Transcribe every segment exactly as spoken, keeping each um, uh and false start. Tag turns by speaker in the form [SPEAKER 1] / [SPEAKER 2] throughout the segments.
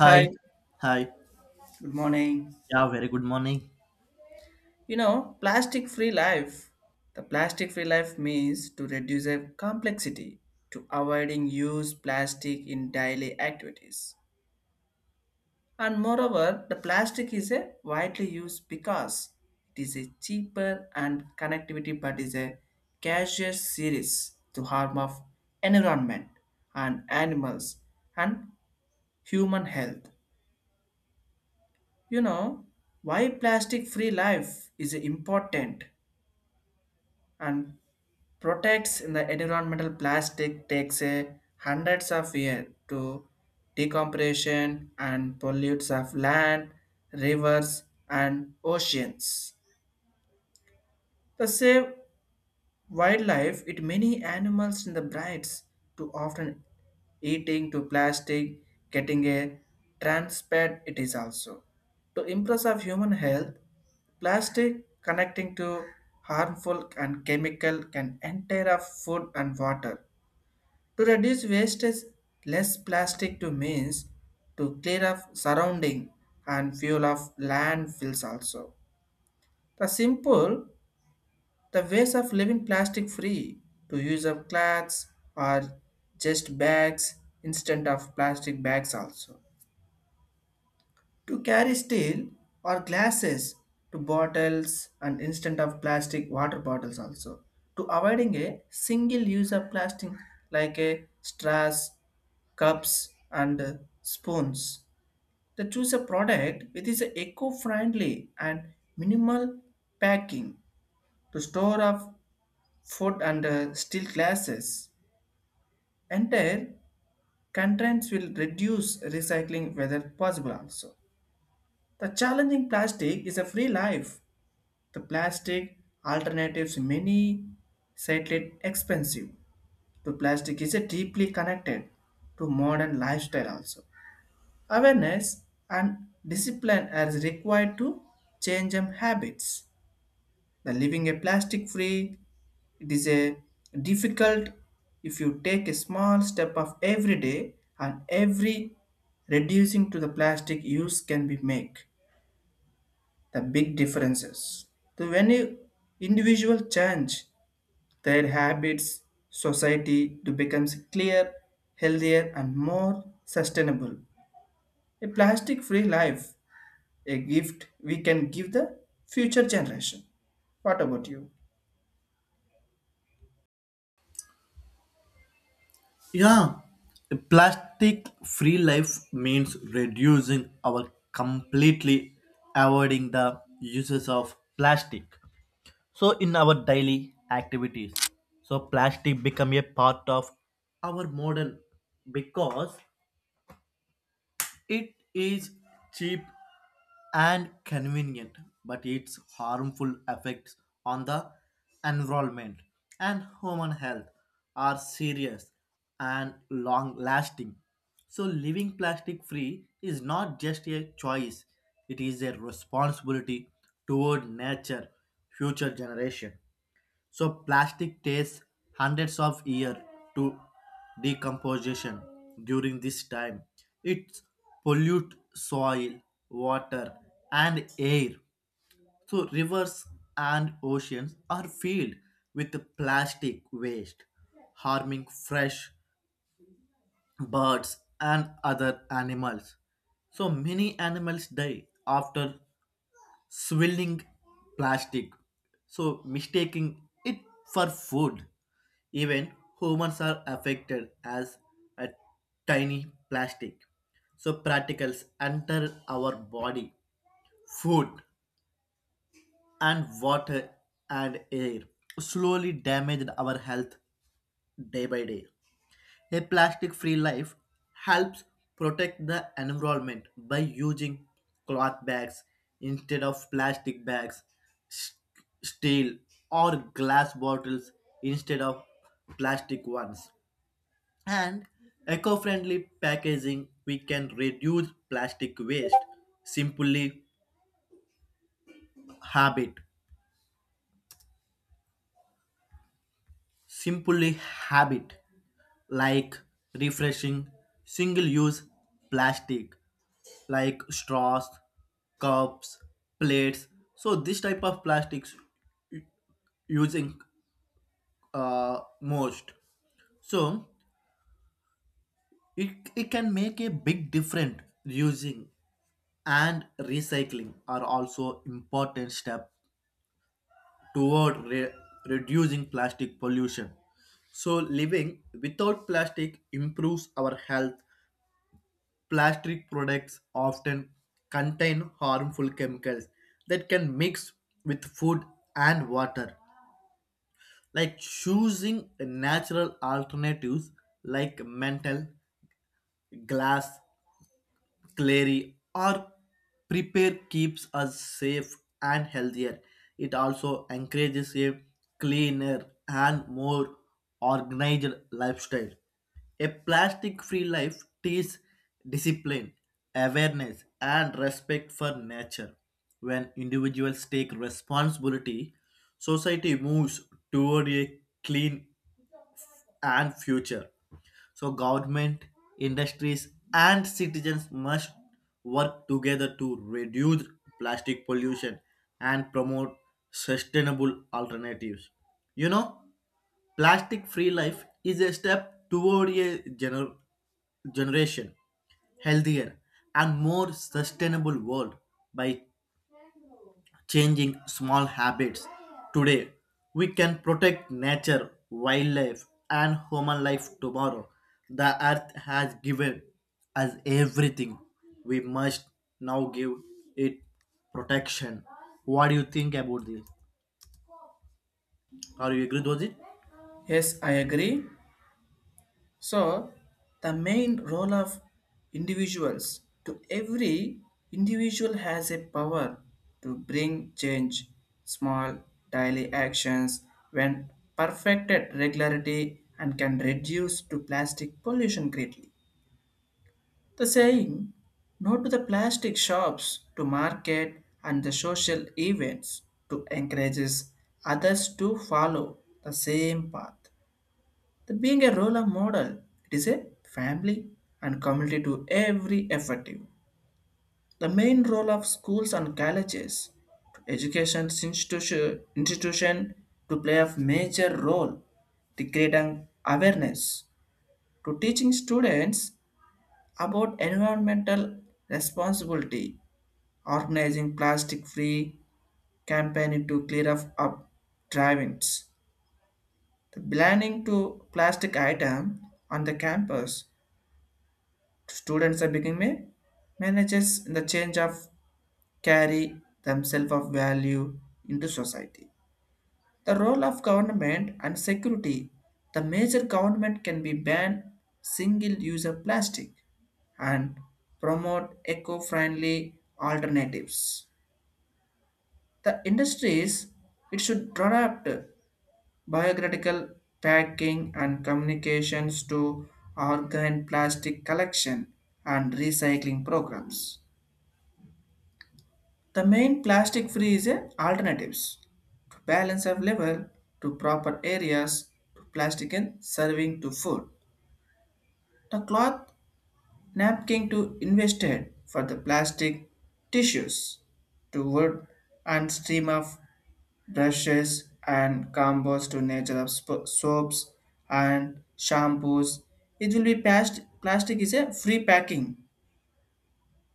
[SPEAKER 1] Hi,
[SPEAKER 2] Hi.
[SPEAKER 1] good morning.
[SPEAKER 2] Yeah, very good morning.
[SPEAKER 1] You know, plastic free life. The plastic free life means to reduce a complexity to avoiding use plastic in daily activities. And moreover, the plastic is a widely used because it is a cheaper and connectivity but is a casual series to harm of environment and animals and human health. You know, why plastic free life is important and protects in the environmental plastic takes a hundreds of years to decompression and pollutes of land, rivers and oceans. The same wildlife, it many animals in the brights to often eating to plastic, getting a transpet it is also. To impress of human health, plastic connecting to harmful and chemical can enter of food and water. To reduce wastage, less plastic to means to clear up surrounding and fuel of landfills also. The simple the ways of living plastic free to use of cloths or just bags instead of plastic bags also. To carry steel or glasses to bottles and instead of plastic water bottles also. To avoiding a single use of plastic like a straws, cups and uh, spoons. To choose a product which is eco-friendly and minimal packing to store of food and uh, steel glasses. Entire contents will reduce recycling whether possible also. The challenging plastic is a free life. The plastic alternatives many slightly expensive. To plastic is a deeply connected to modern lifestyle also. Awareness and discipline are required to change them habits. The living a plastic free, it is a difficult if you take a small step of every day and every reducing to the plastic use can be make the big differences. So when you individual change their habits, society to becomes clear, healthier and more sustainable. A plastic free life, a gift we can give the future generation. What about you?
[SPEAKER 2] Yeah, a plastic free life means reducing our completely avoiding the uses of plastic. So in our daily activities, so plastic become a part of our modern because it is cheap and convenient, but its harmful effects on the environment and human health are serious and long lasting. So, living plastic free is not just a choice, it is a responsibility toward nature, future generation. So plastic takes hundreds of years to decomposition. During this time, it pollutes soil, water, and air. So rivers and oceans are filled with plastic waste, harming fresh birds and other animals. So many animals die after swirling plastic, so mistaking it for food. Even humans are affected as a tiny plastic. So particles enter our body, food, and water and air, slowly damaged our health day by day. A plastic free life helps protect the environment by using cloth bags instead of plastic bags, s- steel or glass bottles instead of plastic ones. And eco friendly packaging, we can reduce plastic waste simply habit simply habit like refreshing single use plastic like straws, cups, plates. So this type of plastics u- using uh, most. So it, it can make a big difference using and recycling are also important step toward re- reducing plastic pollution. So living without plastic improves our health. Plastic products often contain harmful chemicals that can mix with food and water. Like choosing natural alternatives like mental glass Clary, or prepare keeps us safe and healthier. It also encourages a cleaner and more organized lifestyle. A plastic free life teaches discipline, awareness, and respect for nature. When individuals take responsibility, society moves toward a clean and future. So government, industries and citizens must work together to reduce plastic pollution and promote sustainable alternatives. You know, plastic free life is a step toward a gener- generation healthier and more sustainable world by changing small habits. Today, we can protect nature, wildlife, and human life tomorrow. The earth has given us everything. We must now give it protection. What do you think about this? Are you agree with it?
[SPEAKER 1] Yes, I agree. So, the main role of individuals to every individual has a power to bring change. Small daily actions, when perfected regularity, and can reduce to plastic pollution greatly. The saying, "No to the plastic shops to market and the social events," to encourages others to follow the same path. The being a role model, it is a family and community to every effective. The main role of schools and colleges to education institution, institution to play a major role to create an awareness to teaching students about environmental responsibility, organizing plastic-free campaign to clear up, up drive-ins, the banning to plastic item on the campus, students are becoming managers in the change of carry themselves of value into society. The role of government and security. The major government can be ban single-use of plastic and promote eco-friendly alternatives. The industries it should adapt biocritical packing and communications to organ plastic collection and recycling programs. The main plastic free is a alternatives to balance of level to proper areas to plastic and serving to food. The cloth napkin to invested for the plastic tissues to wood and stream of brushes and combos to nature of sp- soaps and shampoos. It will be past- plastic is a free packing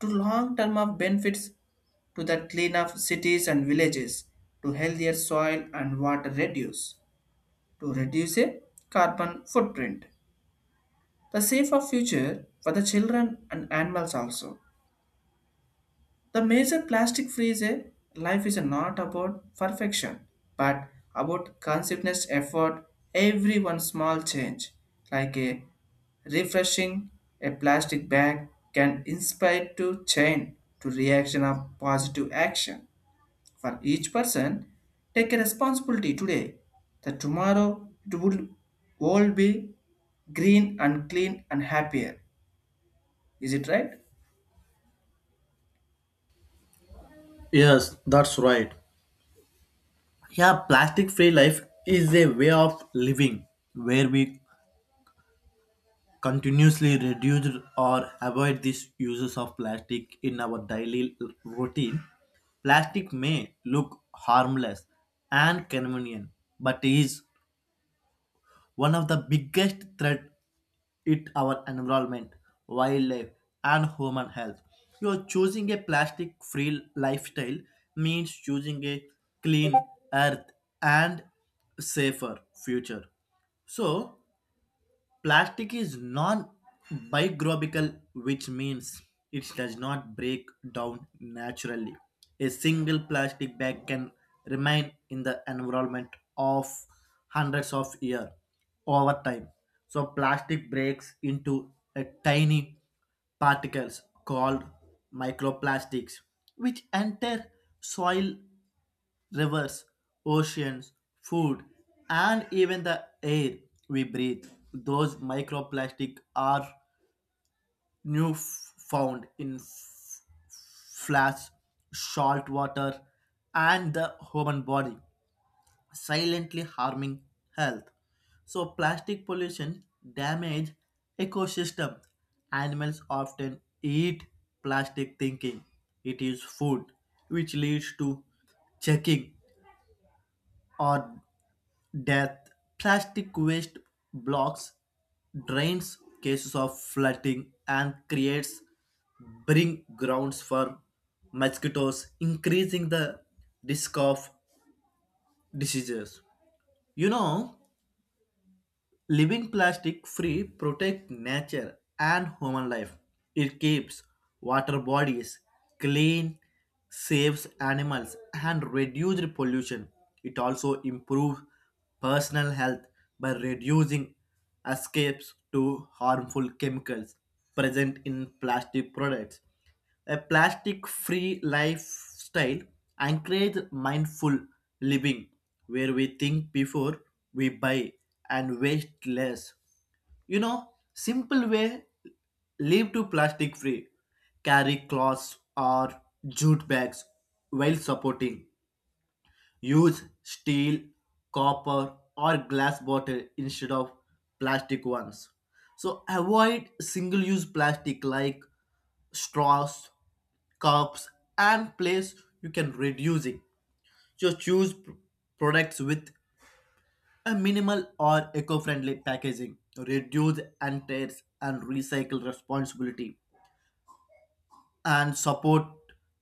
[SPEAKER 1] to long term of benefits to the clean up cities and villages, to healthier soil and water reduce, to reduce a carbon footprint. The safer future for the children and animals also. The major plastic free is a life is not about perfection, but about consciousness effort, every one small change, like a refreshing a plastic bag can inspire to change to reaction of positive action. For each person, take a responsibility today. That tomorrow it would all be green and clean and happier. Is it right?
[SPEAKER 2] Yes, that's right. Yeah, plastic free life is a way of living where we continuously reduce or avoid these uses of plastic in our daily l- routine, plastic may look harmless and convenient, but is one of the biggest threat it our environment, wildlife, and human health. You're choosing a plastic free lifestyle means choosing a clean earth and safer future. So, plastic is non-biodegradable, which means it does not break down naturally. A single plastic bag can remain in the environment of hundreds of years over time. So plastic breaks into a tiny particles called microplastics, which enter soil rivers, oceans, food, and even the air we breathe. Those microplastics are new f- found in f- flash, salt water, and the human body, silently harming health. So plastic pollution damage ecosystem. Animals often eat plastic thinking it is food, which leads to checking or death, plastic waste blocks drains cases of flooding and creates breeding grounds for mosquitoes, increasing the risk of diseases. You know, living plastic free protect nature and human life. It keeps water bodies clean, saves animals and reduces pollution. It also improves personal health by reducing escapes to harmful chemicals present in plastic products. A plastic-free lifestyle encourages mindful living, where we think before we buy and waste less. You know, simple way live to plastic free. Carry cloths or jute bags while supporting use steel, copper, or glass bottle instead of plastic ones. So avoid single use plastic like straws, cups, and plates. You can reduce it. So choose p- products with a minimal or eco-friendly packaging. Reduce and tears and recycle responsibility and support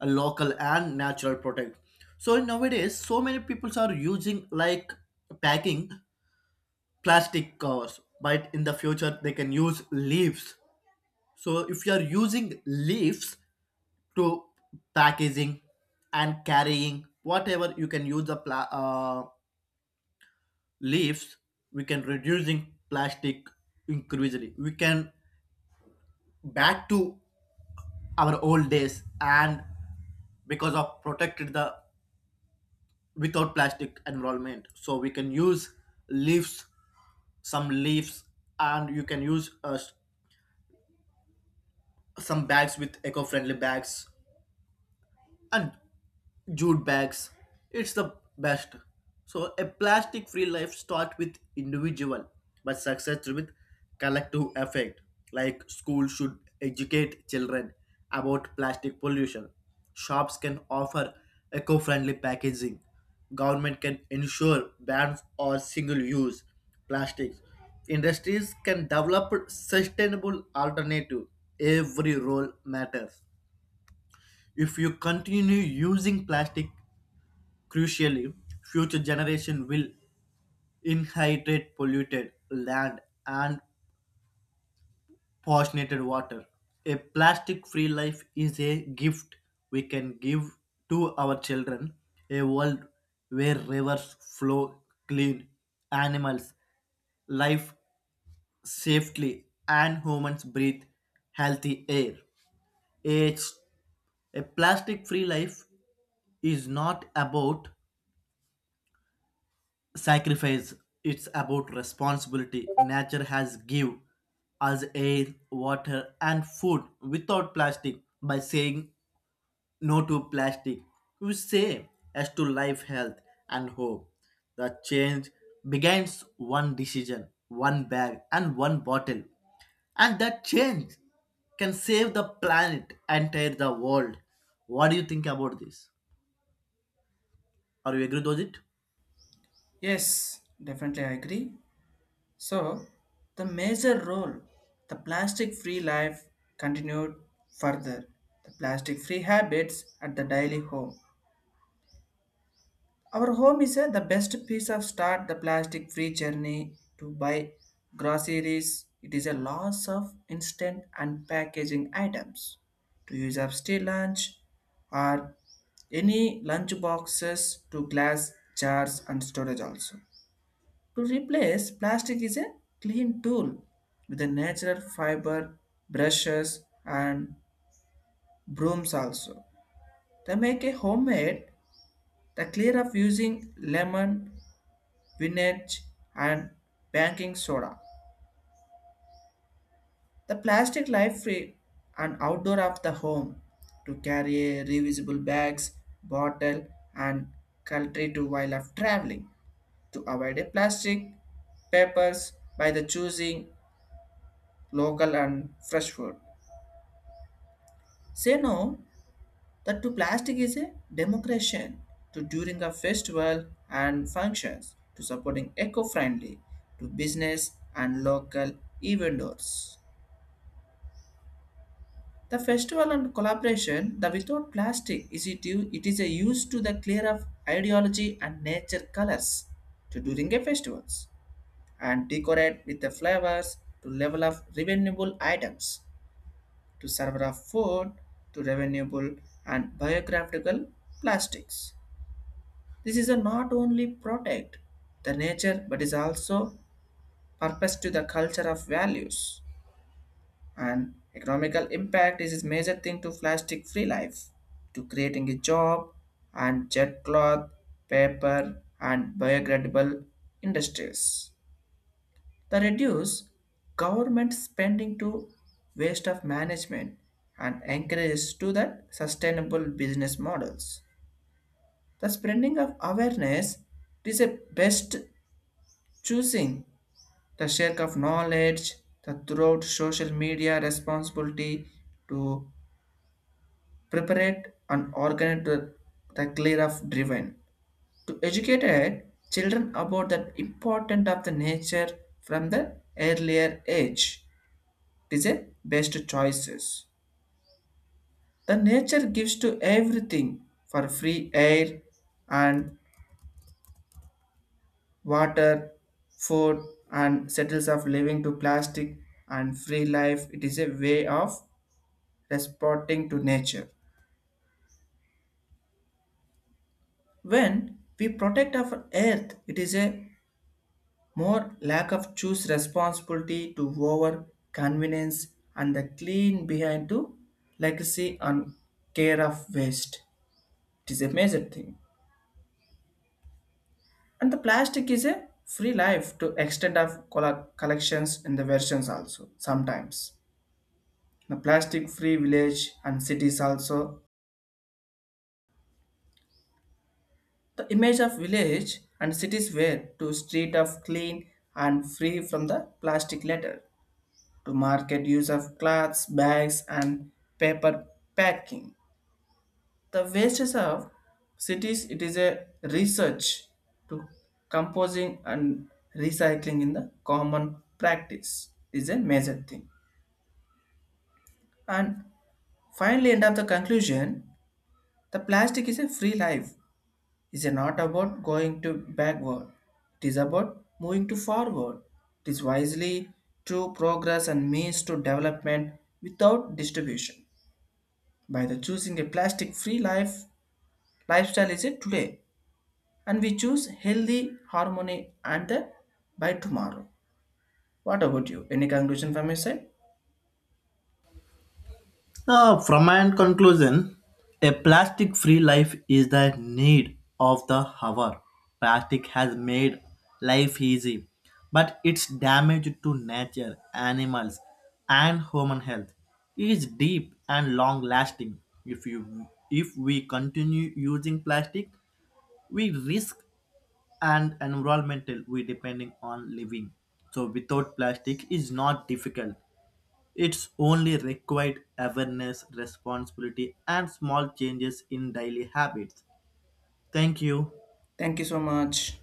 [SPEAKER 2] a local and natural product, so nowadays so many people are using like packing plastic covers, but in the future they can use leaves. So if you are using leaves to packaging and carrying whatever you can use the pla- uh, leaves, we can reducing plastic increasingly, we can back to our old days and because of protected the without plastic environment, so we can use leaves, some leaves, and you can use uh, some bags with eco-friendly bags and jute bags. It's the best. So a plastic free life starts with individual but success with collective effect. Like schools should educate children about plastic pollution. Shops can offer eco-friendly packaging. Government can ensure bans or single-use plastics. Industries can develop sustainable alternative. Every role matters. If you continue using plastic crucially, future generations will inherit polluted land and poisoned water. A plastic free life is a gift we can give to our children. A world where rivers flow clean, animals live safely, and humans breathe healthy air. A, a plastic free life is not about sacrifice, it's about responsibility. Nature has give us air, water, and food without plastic. By saying no to plastic, we say as to life, health, and hope. The change begins one decision, one bag, and one bottle, and that change can save the planet, entire the world. What do you think about this? Are you agree with it?
[SPEAKER 1] Yes, definitely I agree. So, the major role the plastic free life continued further. The plastic free habits at the daily home. Our home is uh, the best piece of start the plastic free journey to buy groceries. It is a loss of instant and packaging items to use up steel lunch or any lunch boxes to glass jars and storage also. To replace plastic is a clean tool with a natural fiber brushes and brooms also. They make a homemade the clear of using lemon vintage, and baking soda. The plastic life free and outdoor of the home to carry a reusable bags, bottle, and cutlery to while of traveling to avoid a plastic papers by the choosing local and fresh food. Say no that to plastic is a democration to during a festival and functions to supporting eco-friendly to business and local eventors. The festival and collaboration, the without plastic, is it, u- it is a use to the clear of ideology and nature colors to during a festivals and decorate with the flowers to level of renewable items to serve of food to renewable and biographical plastics. This is a not only protect the nature but is also purpose to the culture of values, and economical impact is a major thing to plastic free life to creating a job and jet cloth, paper and biodegradable industries, the reduce government spending to waste of management and encourages to that sustainable business models. The spreading of awareness is a best choosing the share of knowledge the throughout social media responsibility to preparate and organize the, the clear of driven to educate uh, children about the importance of the nature from the earlier age. It is a best choices. The nature gives to everything for free air and water, food and settles of living to plastic and free life. It is a way of responding to nature. When we protect our earth, it is a more lack of choose responsibility to over convenience and the clean behind to legacy and care of waste. It is a major thing. And the plastic is a free life to extent of colla- collections in the versions also sometimes. The plastic free village and cities also. The image of village and cities were to street of clean and free from the plastic litter to market use of cloths, bags, and paper packing. The wastes of cities it is a research to composing and recycling in the common practice is a major thing. And finally, end of the conclusion, the plastic is a free life. It is not about going to backward. It is about moving to forward. It is wisely through progress and means to development without distribution. By the choosing a plastic free life lifestyle is it today, and we choose healthy harmony and the by tomorrow. What about you? Any conclusion from your side?
[SPEAKER 2] Uh, from my end conclusion, a plastic free life is the need of the hour. Plastic has made life easy, but its damage to nature, animals, and human health is deep and long lasting. If, you, if we continue using plastic, we risk and environmental we depending on living. So without plastic is not difficult, it's only required awareness, responsibility, and small changes in daily habits. Thank you.
[SPEAKER 1] Thank you so much.